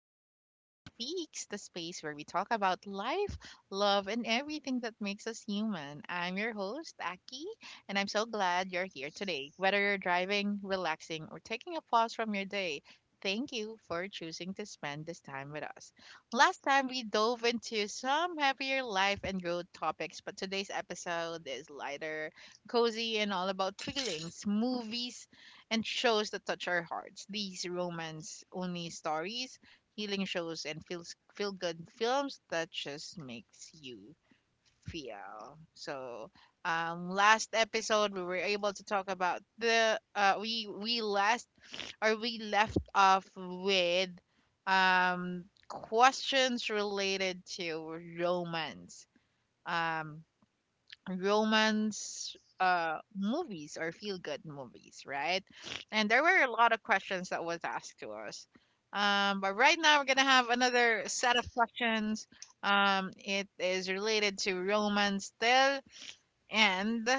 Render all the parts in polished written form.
to Aki Speaks, the space where we talk about life, love, and everything that makes us human. I'm your host, Aki, and I'm so glad you're here today. Whether you're driving, relaxing, or taking a pause from your day, thank you for choosing to spend this time with us. Last time we dove into some heavier life and growth topics, but today's episode is lighter, cozy, and all about feelings, movies, and shows that touch our hearts. These romance only stories, healing shows, and feels feel good films that just makes you feel. Last episode we were able to talk about the we last or we left off with questions related to romance. Um, Romance movies or feel good movies, right? And there were a lot of questions that was asked to us, but right now we're gonna have another set of questions. It is related to romance still, and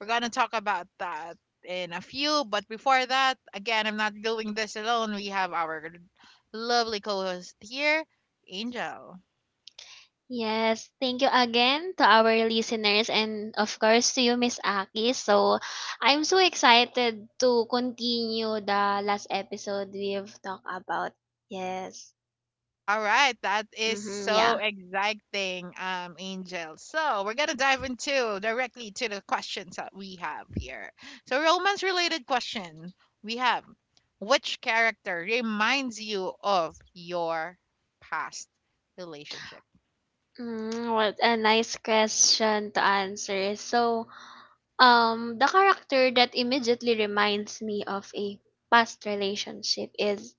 we're gonna talk about that in a few. But before that, again, I'm not doing this alone. We have our lovely co-host here, Angel. Yes, thank you again to our listeners and of course to you, Miss Aki. So I'm so excited to continue the last episode we've talked about. Yes. All right, that is Mm-hmm, so yeah. exciting, Angel. So we're gonna dive into directly to the questions that we have here. So romance-related question we have: which character reminds you of your past relationship? What a nice question to answer. So the character that immediately reminds me of a past relationship is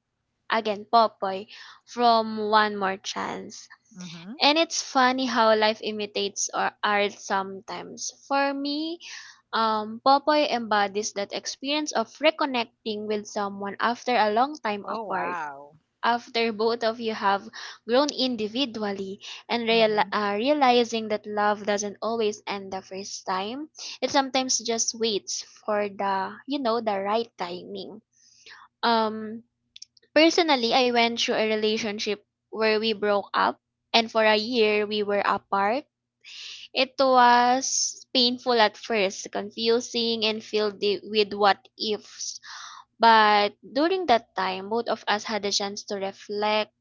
again Popoy from One More Chance. Mm-hmm. And it's funny how life imitates our art sometimes. For me, Popoy embodies that experience of reconnecting with someone after a long time Oh apart. wow. After both of you have grown individually and Mm-hmm. Realizing that love doesn't always end the first time, it sometimes just waits for the right timing. Um, Personally, I went through a relationship where we broke up and for a year we were apart. It was painful at first, confusing, and filled with what ifs. But during that time, both of us had a chance to reflect,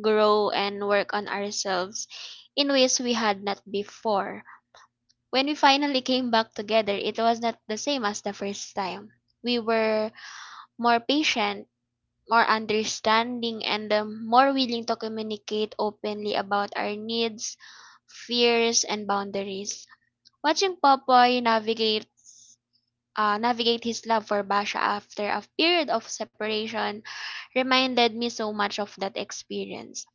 grow, and work on ourselves in ways we had not before. When we finally came back together, it was not the same as the first time. We were more patient, more understanding, and the more willing to communicate openly about our needs, fears, and boundaries. Watching Popoy navigate his love for Basha after a period of separation reminded me so much of that experience.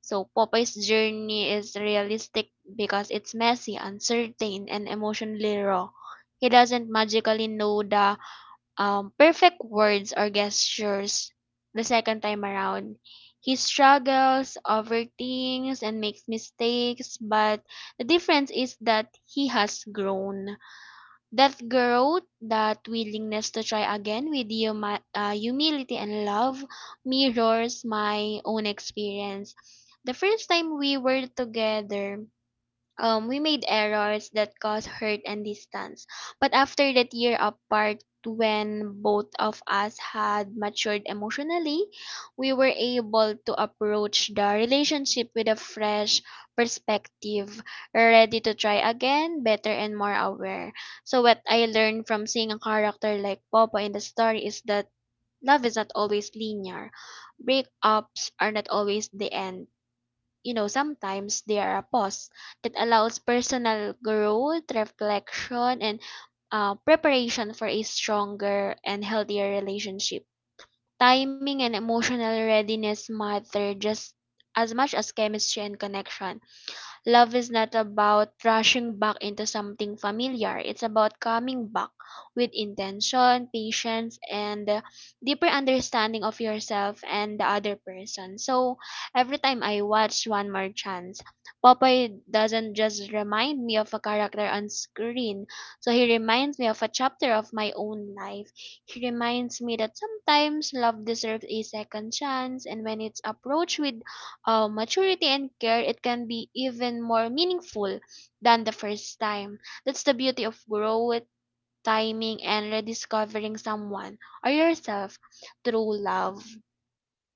So Popoy's journey is realistic because it's messy, uncertain, and emotionally raw. He doesn't magically know the perfect words or gestures the second time around. He struggles, overthinks, and makes mistakes, but the difference is that he has grown. That growth, that willingness to try again with humility and love mirrors my own experience. The first time we were together, we made errors that caused hurt and distance. But after that year apart, when both of us had matured emotionally, we were able to approach the relationship with a fresh perspective, ready to try again, better and more aware. So, what I learned from seeing a character like Papa in the story is that love is not always linear, breakups are not always the end. Sometimes they are a pause that allows personal growth, reflection, and preparation for a stronger and healthier relationship. Timing and emotional readiness matter just as much as chemistry and connection. Love is not about rushing back into something familiar. It's about coming back with intention, patience, and a deeper understanding of yourself and the other person. So every time I watch One More Chance, Popeye doesn't just remind me of a character on screen. So he reminds me of a chapter of my own life. He reminds me that sometimes love deserves a second chance, and when it's approached with maturity and care, it can be even more meaningful than the first time. That's the beauty of growth, timing, and rediscovering someone or yourself through love.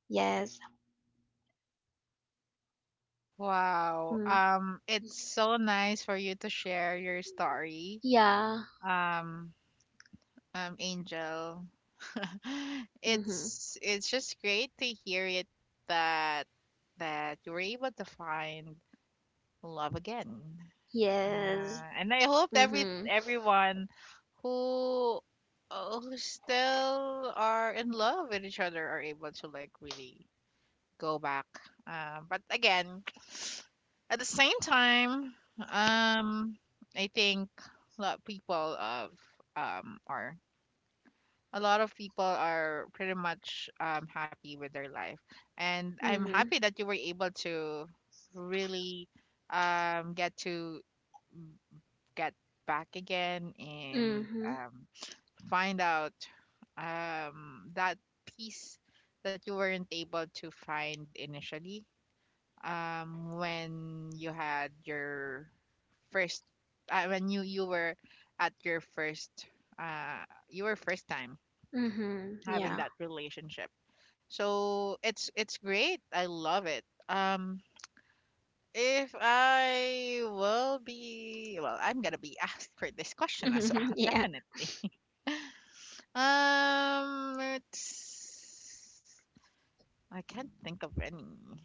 Yes. Wow. Mm. It's so nice for you to share your story, Yeah. um, Angel. Mm-hmm. It's just great to hear it that that you were able to find love again. Yes. And I hope Mm-hmm. everyone who who still are in love with each other are able to like really go back. But again, at the same time, um, I think a lot of people of um are a lot of people are pretty much happy with their life, and I'm Mm-hmm. happy that you were able to really um, get to get back again and, Mm-hmm. Find out that peace that you weren't able to find initially, when you had your first when you were at uh, your first time Mm-hmm. having Yeah. that relationship. So it's great. I love it. If I will be, well, I'm gonna be asked for this question as well, definitely. It's I can't think of any.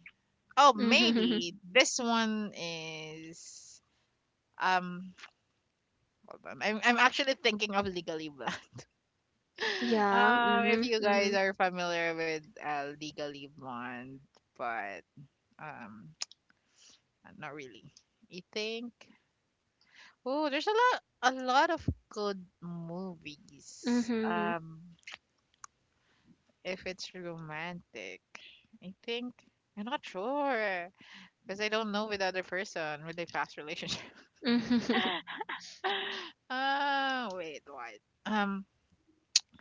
Oh, Yeah. Mm-hmm. maybe this one is um hold on. I'm actually thinking of Legally Blonde. Yeah. If you Mm-hmm. guys are familiar with Legally Blonde, but Um, not really. I think oh, there's a lot of good movies. Mm-hmm. If it's romantic, I think I'm not sure because I don't know with other person really fast relationship. Mm-hmm. Mm-hmm. Wait, why? Um,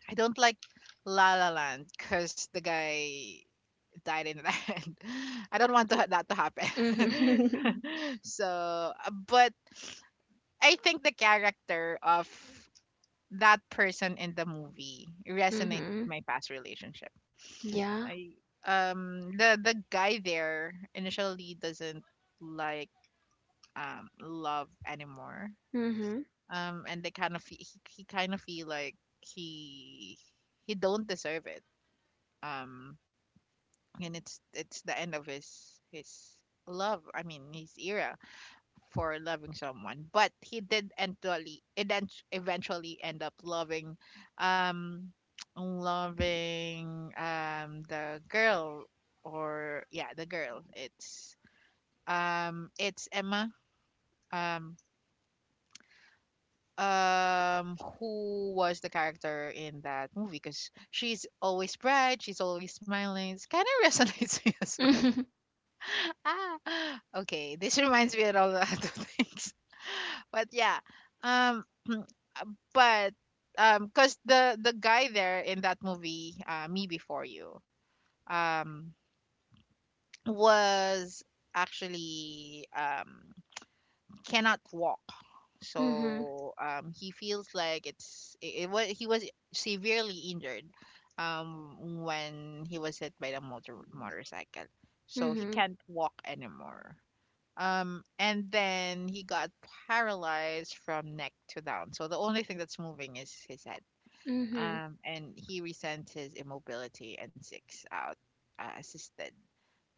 I don't like La La Land because the guy died in the end. I don't want to, that to happen. Mm-hmm. So, but I think the character of that person in the movie resonates with Mm-hmm. my past relationship. Yeah. I The guy there initially doesn't like love anymore. Mm-hmm. And they kind of he kind of feel like he he don't deserve it. Um and it's the end of his love. I mean his era for loving someone, but he did eventually end up loving um loving the girl or yeah, the girl. It's Emma, um who was the character in that movie because she's always bright, she's always smiling. It's kind of resonates me as well. Ah okay, this reminds me of all the other things. But yeah, um, but cause the guy there in that movie, Me Before You, um, was actually cannot walk, Mhm. so he feels like it was he was severely injured, when he was hit by the motorcycle, so he Mhm. can't walk anymore. And then he got paralyzed from neck to down. So the only thing that's moving is his head. Mhm. And he resents his immobility and seeks out uh, assisted,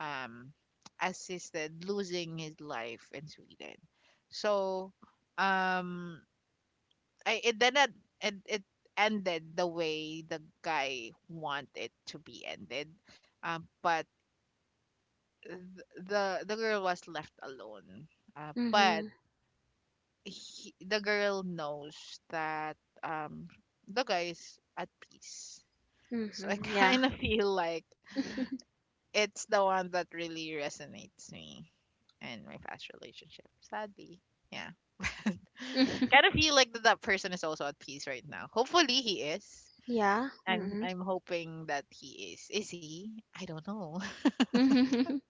um, assisted losing his life in Sweden. So, um, it did not it ended the way the guy wanted it to be ended. But th- the girl was left alone. But Mhm. he, the girl knows that um the guy's at peace. So I Mhm. Yeah. kind of feel like it's the one that really resonates me in my past relationship. Sadly, yeah. Kind of feel like that, that person is also at peace right now. Hopefully he is. yeah. I'm Mhm. I'm hoping that he is. Is he? I don't know. Mhm.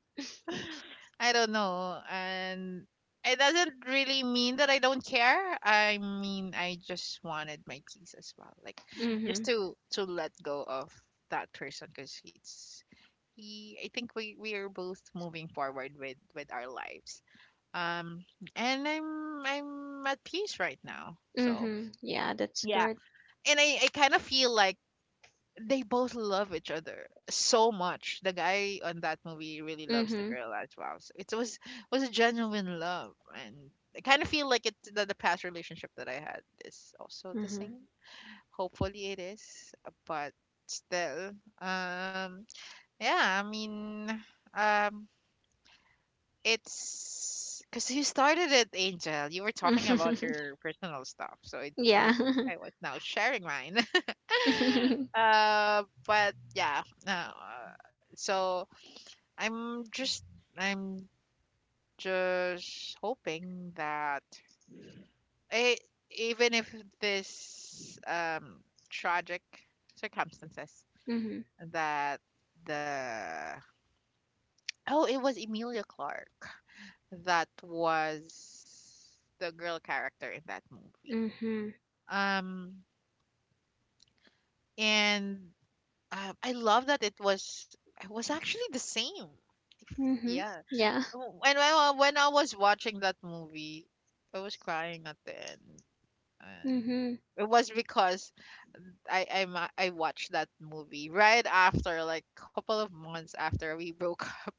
I don't know. And it doesn't really mean that I don't care. I mean, I just wanted my peace as well. Like just Mhm. To let go of that person because it's he, I think we are both moving forward with our lives. Um and I'm at peace right now. So, Mhm. Yeah, that's yeah. good. And I kind of feel like they both love each other so much. The guy on that movie really loves the Mhm. girl as well. So it was a genuine love, and I kind of feel like it's the past relationship that I had is also the Mhm. same. Hopefully, it is, but still, um, yeah. I mean, um, it's because you started it, Angel. You were talking about your personal stuff, so it, yeah. I was now sharing mine. Uh, but yeah, no. So I'm just I'm just hoping that eh, even if this tragic circumstances mhm. that the oh it was Emilia Clark that was the girl character in that movie. Mhm. Um, and I love that it was actually the same. Mhm. Yeah. Yeah. Oh, and when I was watching that movie, I was crying at the end, and Mhm. it was because I watched that movie right after like couple of months after we broke up.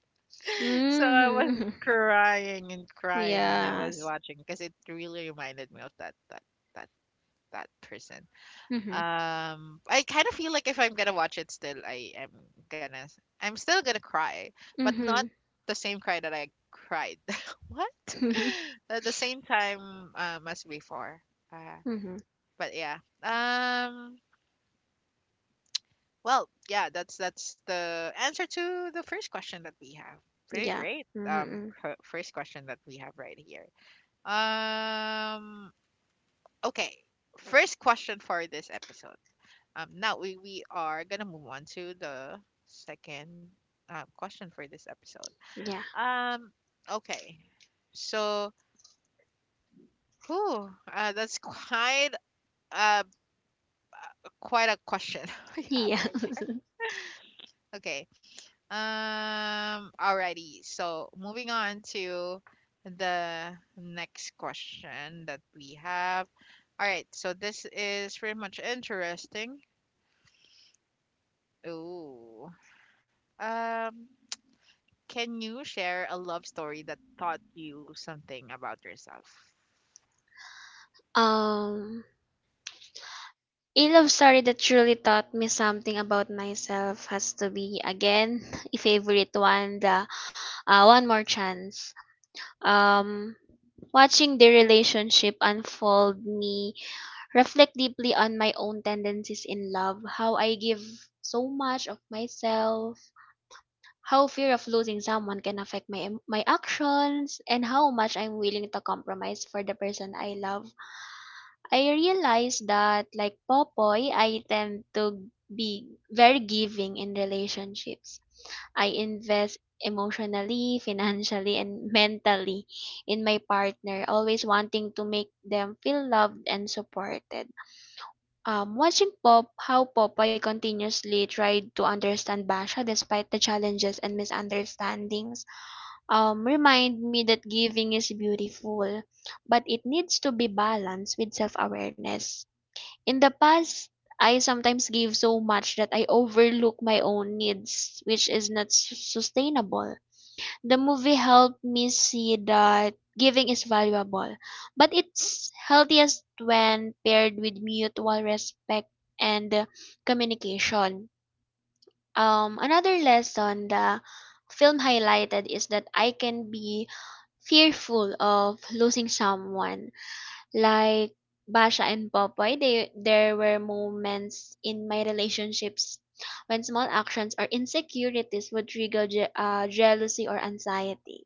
So I was Mhm. crying and crying when I was Yes. watching because it really reminded me of that that person. Mhm. I kind of feel like if I'm gonna watch it still, I am gonna, I'm still gonna cry, but not Mhm. the same cry that I cried. What? At the same time, as before. Uh, Mhm. but yeah. Um, well, yeah, that's the answer to the first question that we have. Pretty Yeah. great. Mhm. First question that we have right here. Um, okay. First question for this episode. Now we are gonna move on to the second question for this episode. Yeah. Um, okay, so who? That's quite uh quite a question we have Yeah. right there. Okay. Alrighty. So moving on to the next question that we have. All right. So this is pretty much interesting. Ooh. Um. Can you share a love story that taught you something about yourself? Um A love story that truly taught me something about myself has to be again a favorite one, the One More Chance. Um, Watching the relationship unfold me reflect deeply on my own tendencies in love, how I give so much of myself, how fear of losing someone can affect my actions, and how much I'm willing to compromise for the person I love. I realized that like Popoy, I tend to be very giving in relationships. I invest emotionally, financially, and mentally in my partner, always wanting to make them feel loved and supported. Watching Pop how Popoy continuously tried to understand Basha despite the challenges and misunderstandings, remind me that giving is beautiful, but it needs to be balanced with self-awareness. In the past, I sometimes give so much that I overlook my own needs, which is not sustainable. The movie helped me see that giving is valuable, but it's healthiest when paired with mutual respect and communication. Another lesson the film highlighted is that I can be fearful of losing someone like Basha and Popoy, there were moments in my relationships when small actions or insecurities would trigger jealousy or anxiety.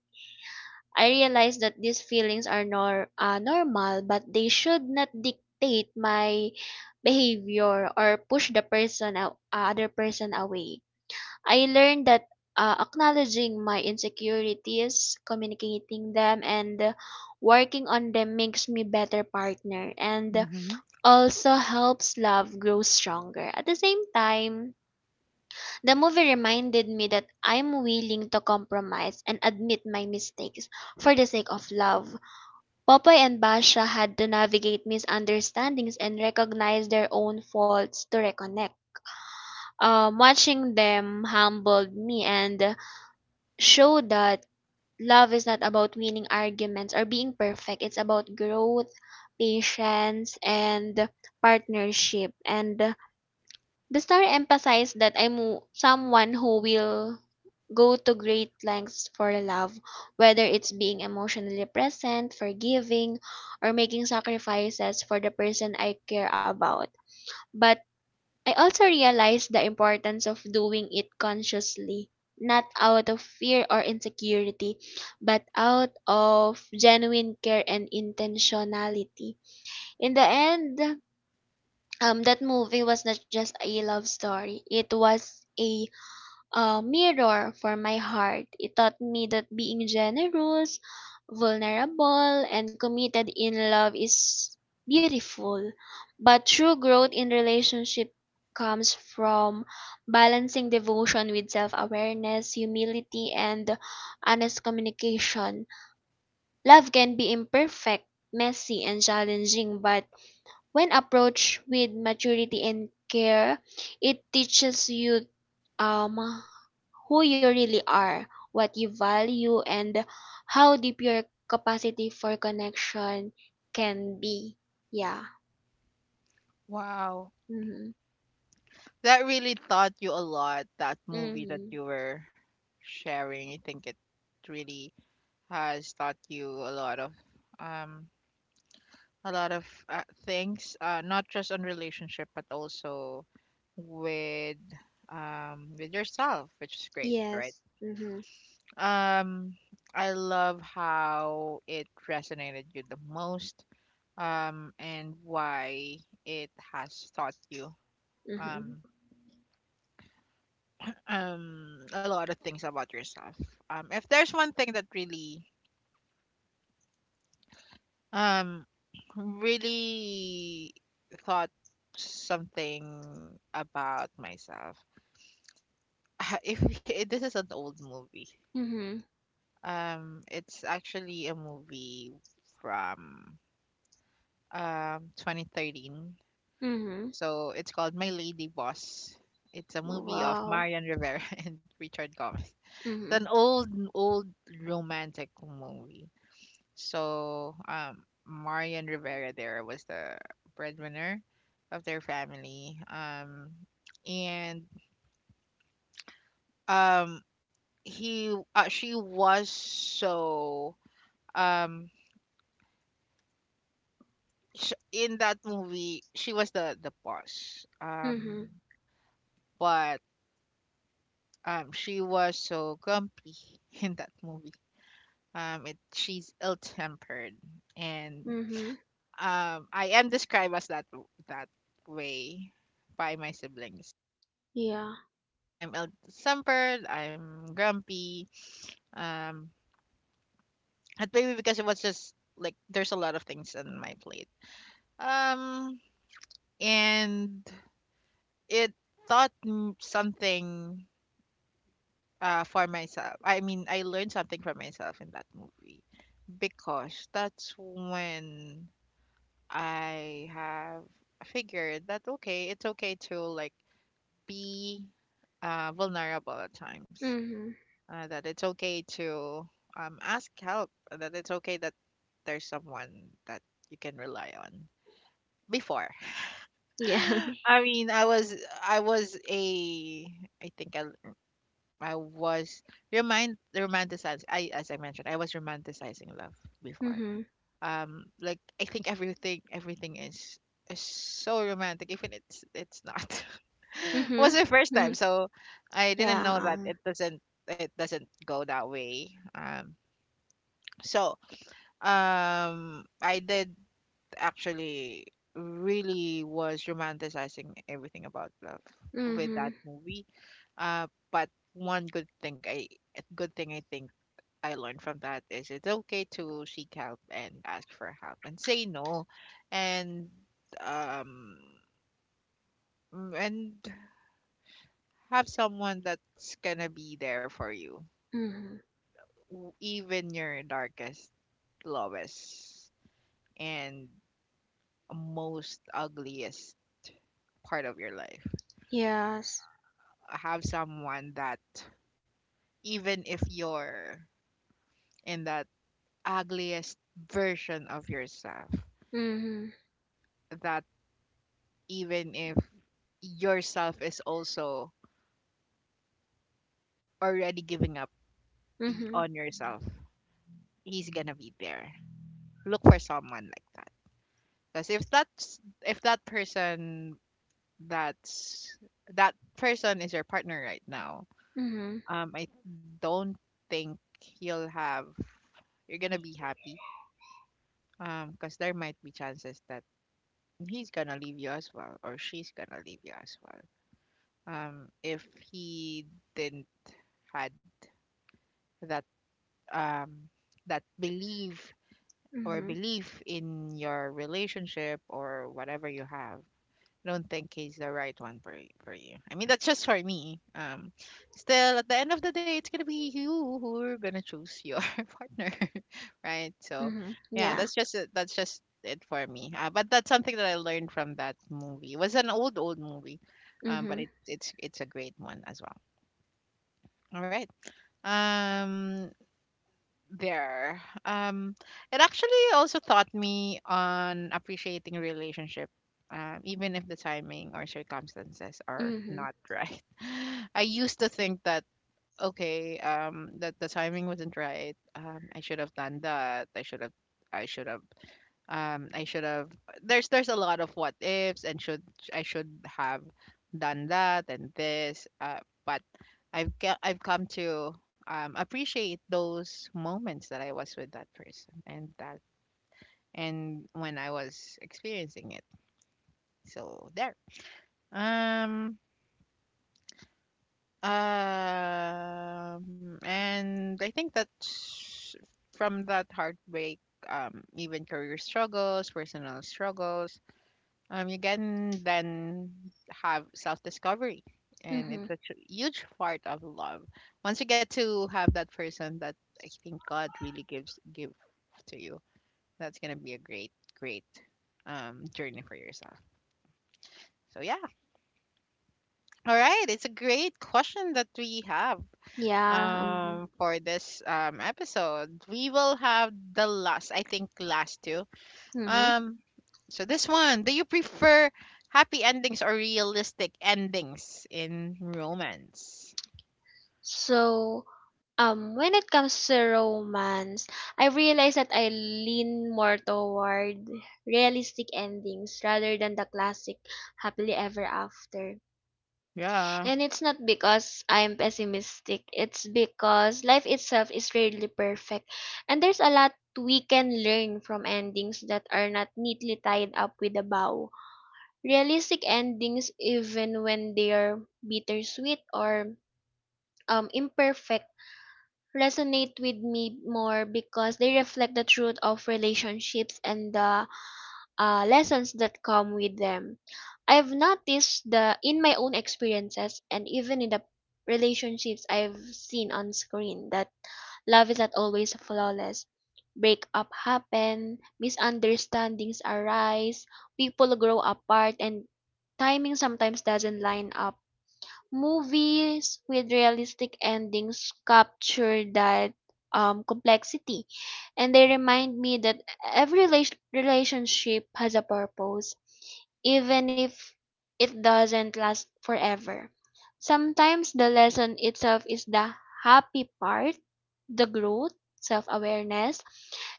I realized that these feelings are normal, but they should not dictate my behavior or push the other person away. I learned that acknowledging my insecurities, communicating them, and working on them makes me better partner and Hmm. also helps love grow stronger. At the same time, the movie reminded me that I'm willing to compromise and admit my mistakes for the sake of love. Popoy and Basha had to navigate misunderstandings and recognize their own faults to reconnect. Watching them humbled me and show that love is not about winning arguments or being perfect. It's about growth, patience, and partnership. And the story emphasized that I'm someone who will go to great lengths for love, whether it's being emotionally present, forgiving, or making sacrifices for the person I care about. But I also realized the importance of doing it consciously, not out of fear or insecurity, but out of genuine care and intentionality. In the end, that movie was not just a love story, it was a mirror for my heart. It taught me that being generous, vulnerable, and committed in love is beautiful. But true growth in relationship comes from balancing devotion with self-awareness, humility, and honest communication. Love can be imperfect, messy, and challenging, but when approached with maturity and care, it teaches you um who you really are, what you value, and how deep your capacity for connection can be. Yeah. Wow. Mhm. That really taught you a lot, that movie that Mhm. you were sharing. I think it really has taught you um a lot of things, not just on relationship but also with with yourself, which is great, right? Yes. Mhm. Um I love how it resonated you the most, and why it has taught you Mhm. um, a lot of things about yourself. If there's one thing that really, um, really thought something about myself, if this is an old movie, Mhm. It's actually a movie from 2013. Mhm. So it's called My Lady Boss. It's a movie of Wow. Marian Rivera and Richard Gomez. It's Mhm. an old romantic movie. So Marian Rivera there was the breadwinner of their family. And um he She was so um in that movie she was the boss. Mhm. But she was so grumpy in that movie. It she's ill-tempered, and Mhm. I am described as that that way by my siblings. Yeah. I'm ill tempered, I'm grumpy, um and maybe because it was just like there's a lot of things on my plate. Um and it taught something for myself. I mean, I learned something for myself in that movie, because that's when I have figured that okay, it's okay to like be vulnerable at times. Mhm. That it's okay to ask help. That it's okay that there's someone that you can rely on. Before, Yeah. I mean, I was a I think I, I was remind romanticized. I, as I mentioned, I was romanticizing love before. mhm. Like, I think everything is so romantic even it's not. It was Mhm. my first time, Mhm. so I didn't Yeah. know that it doesn't go that way. So I did actually really was romanticizing everything about love with that Mhm. movie. But one good thing I good thing I think I learned from that is it's okay to seek help and ask for help and say no. And um and have someone that's gonna be there for you, Mhm. Even your darkest, lowest, and most ugliest part of your life. Yes. Have someone that, even if you're in that ugliest version of yourself, Mhm. that even if yourself is also already giving up, Mhm. on yourself, he's gonna be there. Look for someone like that, because if that's if that's that person is your partner right now, Mhm. I don't think you'll have you're gonna be happy. Because there might be chances that he's gonna leave you as well, or she's gonna leave you as well. If he didn't had that um, that believe or Mhm. belief in your relationship or whatever you have, I don't think he's the right one for for you. I mean, that's just for me. Still, at the end of the day, it's gonna be you who are gonna choose your partner, right? So, Mhm. yeah, Yeah. That's just it for me. But that's something that I learned from that movie. It was an old old movie, but Mhm. it's it's a great one as well. All right. Um, there. It actually also taught me on appreciating relationship, even if the timing or circumstances are Mhm. not right. I used to think that, okay, that the timing wasn't right. I should have done that. I should have. I should have I should have there's a lot of what ifs and should. I should have done that and this. But I've come to appreciate those moments that I was with that person, and that and when I was experiencing it. So there um and I think that from that heartbreak, even career struggles, personal struggles, you can then have self discovery. And Mm-hmm. it's a huge part of love. Once you get to have that person that I think God really give to you, that's gonna be a great, great, journey for yourself. So yeah, all right, it's a great question that we have Yeah. Mm-hmm. For this episode. We will have the last, I think, last two. Mm-hmm. Um, so this one, do you prefer happy endings or realistic endings in romance? So, when it comes to romance, I realize that I lean more toward realistic endings rather than the classic happily ever after. Yeah. And it's not because I'm pessimistic. It's because life itself is rarely perfect, and there's a lot we can learn from endings that are not neatly tied up with a bow. Realistic endings, even when they're bittersweet or imperfect, resonate with me more because they reflect the truth of relationships and the lessons that come with them. I've noticed the in my own experiences and even in the relationships I've seen on screen that love is not always flawless. Breakup happen, misunderstandings arise, people grow apart and timing sometimes doesn't line up. Movies with realistic endings capture that complexity, and they remind me that every relationship has a purpose, even if it doesn't last forever. Sometimes the lesson itself is the happy part, the growth, self awareness,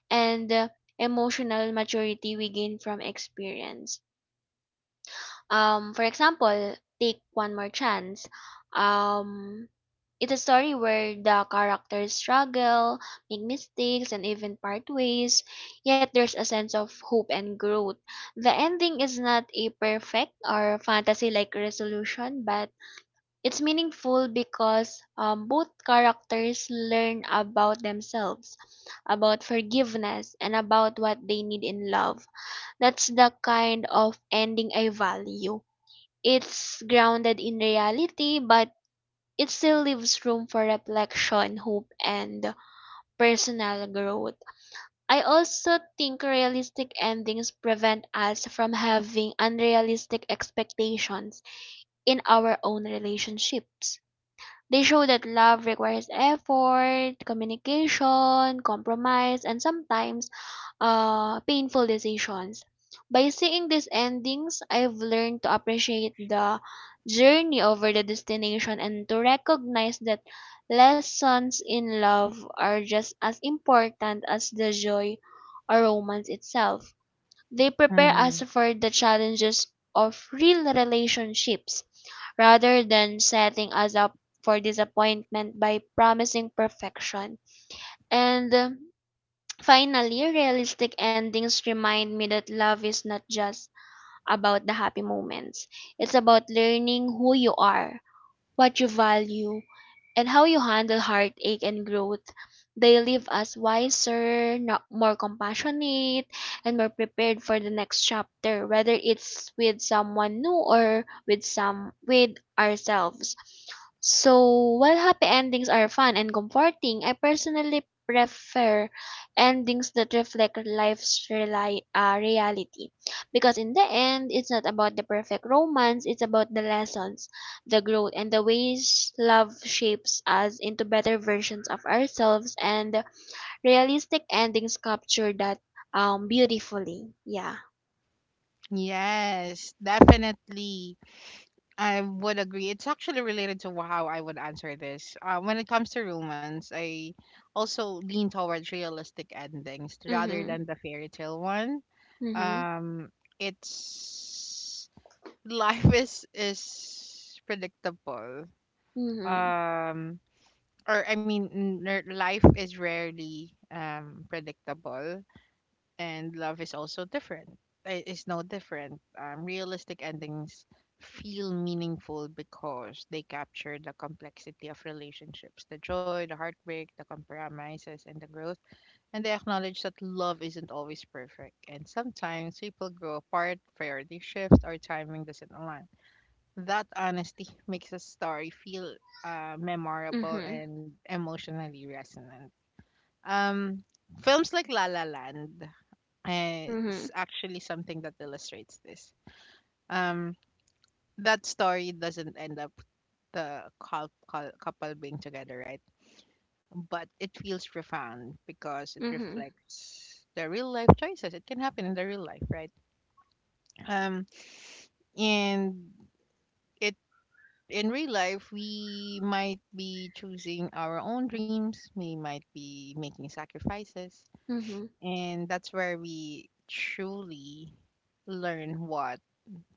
and the emotional maturity we gain from experience. For example, take One More Chance. Um, it's a story where the characters struggle, make mistakes, and even part ways, yet there's a sense of hope and growth. The ending is not a perfect or fantasy like resolution, but it's meaningful because both characters learn about themselves, about forgiveness, and about what they need in love. That's the kind of ending I value. It's grounded in reality, but it still leaves room for reflection, hope, and personal growth. I also think realistic endings prevent us from having unrealistic expectations in our own relationships. They show that love requires effort, communication, compromise, and sometimes painful decisions. By seeing these endings, I've learned to appreciate the journey over the destination and to recognize that lessons in love are just as important as the joy or romance itself. They prepare Mm-hmm. us for the challenges of real relationships rather than setting us up for disappointment by promising perfection. And finally, realistic endings remind me that love is not just about the happy moments. It's about learning who you are, what you value, and how you handle heartache and growth. They leave us wiser, more compassionate, and more prepared for the next chapter, whether it's with someone new or with ourselves. So, while happy endings are fun and comforting, I personally prefer endings that reflect life's reality, because in the end it's not about the perfect romance. It's about the lessons, the growth, and the ways love shapes us into better versions of ourselves, and realistic endings capture that beautifully. Yeah. Yes, definitely. I would agree. It's actually related to how I would answer this. When it comes to romance, I also lean towards realistic endings rather Mhm. than the fairy tale one. Mhm. Um, it's life is predictable. Mhm. Um, or I mean, life is rarely predictable, and love is also different. It's no different. Realistic endings feel meaningful because they capture the complexity of relationships, the joy, the heartbreak, the compromises, and the growth. And they acknowledge that love isn't always perfect, and sometimes people grow apart, priority shifts, or timing doesn't align. That honesty makes a story feel memorable Mhm. and emotionally resonant. Um, Films like La La Land Mhm. is actually something that illustrates this. Um, that story doesn't end up the couple being together, right? But it feels profound because it Mhm. reflects the real life choices. It can happen in the real life, right? Um, and it in real life, we might be choosing our own dreams, we might be making sacrifices, Mhm. and that's where we truly learn what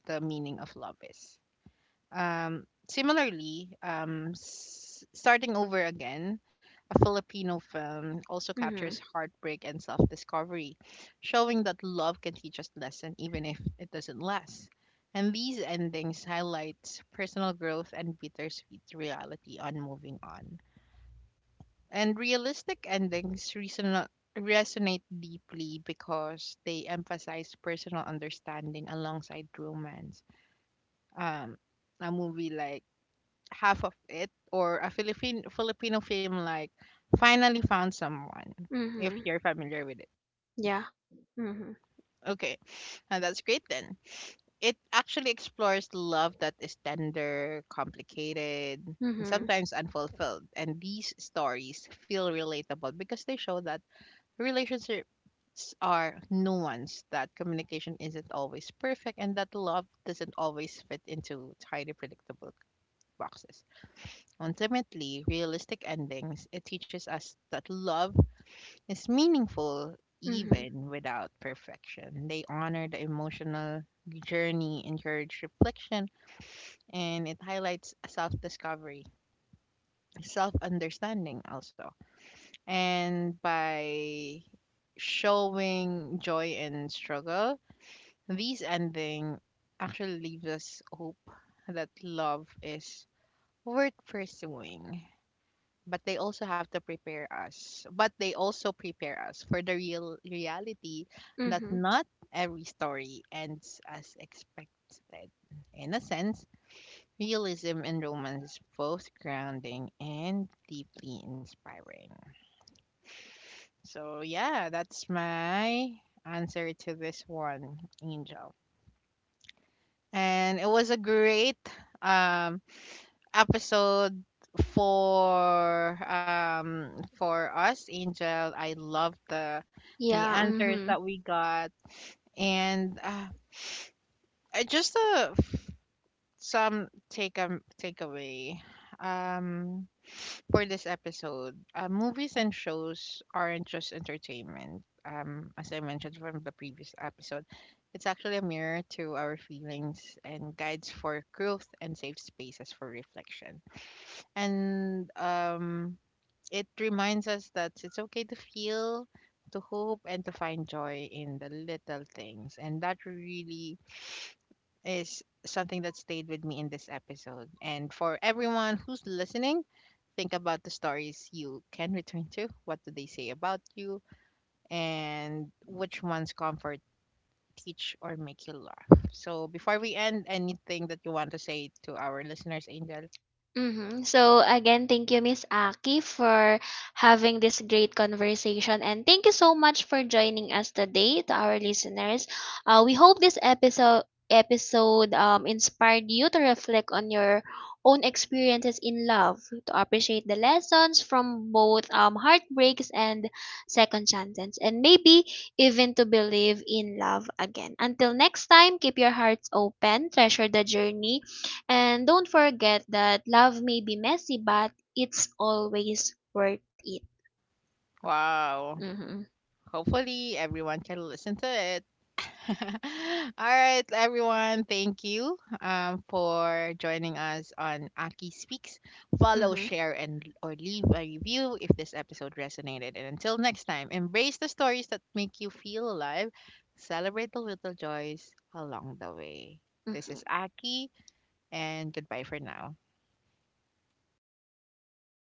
the meaning of love is. Similarly, Starting Over Again, a Filipino film, also captures Mhm. heartbreak and self discovery, showing that love can teach us lesson even if it doesn't last. And these endings highlight personal growth and bittersweet reality on moving on. And realistic endings resonate deeply because they emphasize personal understanding alongside romance. Um, a movie like half of it, or a Philippine Filipino film like Finally Found Someone, if Mhm. you're familiar with it. Yeah. Mhm. Okay, now that's great then. It actually explores love that is tender, complicated, and Mhm. sometimes unfulfilled. And these stories feel relatable because they show that relationships are nuanced, that communication isn't always perfect, and that love doesn't always fit into tidy, predictable boxes. Ultimately, realistic endings, it teaches us that love is meaningful Mhm. even without perfection. They honor the emotional journey, encourage reflection, and it highlights self discovery, self understanding, also. And by showing joy and struggle, these ending actually leaves us hope that love is worth pursuing. But they also have to prepare us but they also prepare us for the real reality that Mhm. not every story ends as expected. In a sense, realism in romance is both grounding and deeply inspiring. So yeah, that's my answer to this one, Angel. And it was a great, um episode for us, Angel. I love the Yeah. answers Mhm. that we got, and uh, just uh, f- some takeaway um for this episode. Movies and shows aren't just entertainment. As I mentioned from the previous episode, it's actually a mirror to our feelings and guides for growth and safe spaces for reflection. And It reminds us that it's okay to feel, to hope, and to find joy in the little things. And that really is something that stayed with me in this episode. And for everyone who's listening, think about the stories you can return to. What do they say about you? And which ones comfort, teach, or make you laugh? So before we end, anything that you want to say to our listeners, Angel? Mm-hmm. So again, thank you, Miss Aki, for having this great conversation, and thank you so much for joining us today, to our listeners. We hope this episode inspired you to reflect on your own experiences in love, to appreciate the lessons from both heartbreaks and second chances, and maybe even to believe in love again. Until next time, keep your hearts open, treasure the journey and don't forget that love may be messy, but it's always worth it. Wow. Mm-hmm. Hopefully, everyone can listen to it. All right, everyone. Thank you, for joining us on Aki Speaks. Follow, Mm-hmm. share, and or leave a review if this episode resonated. And until next time, embrace the stories that make you feel alive. Celebrate the little joys along the way. This Mm-hmm. is Aki, and goodbye for now.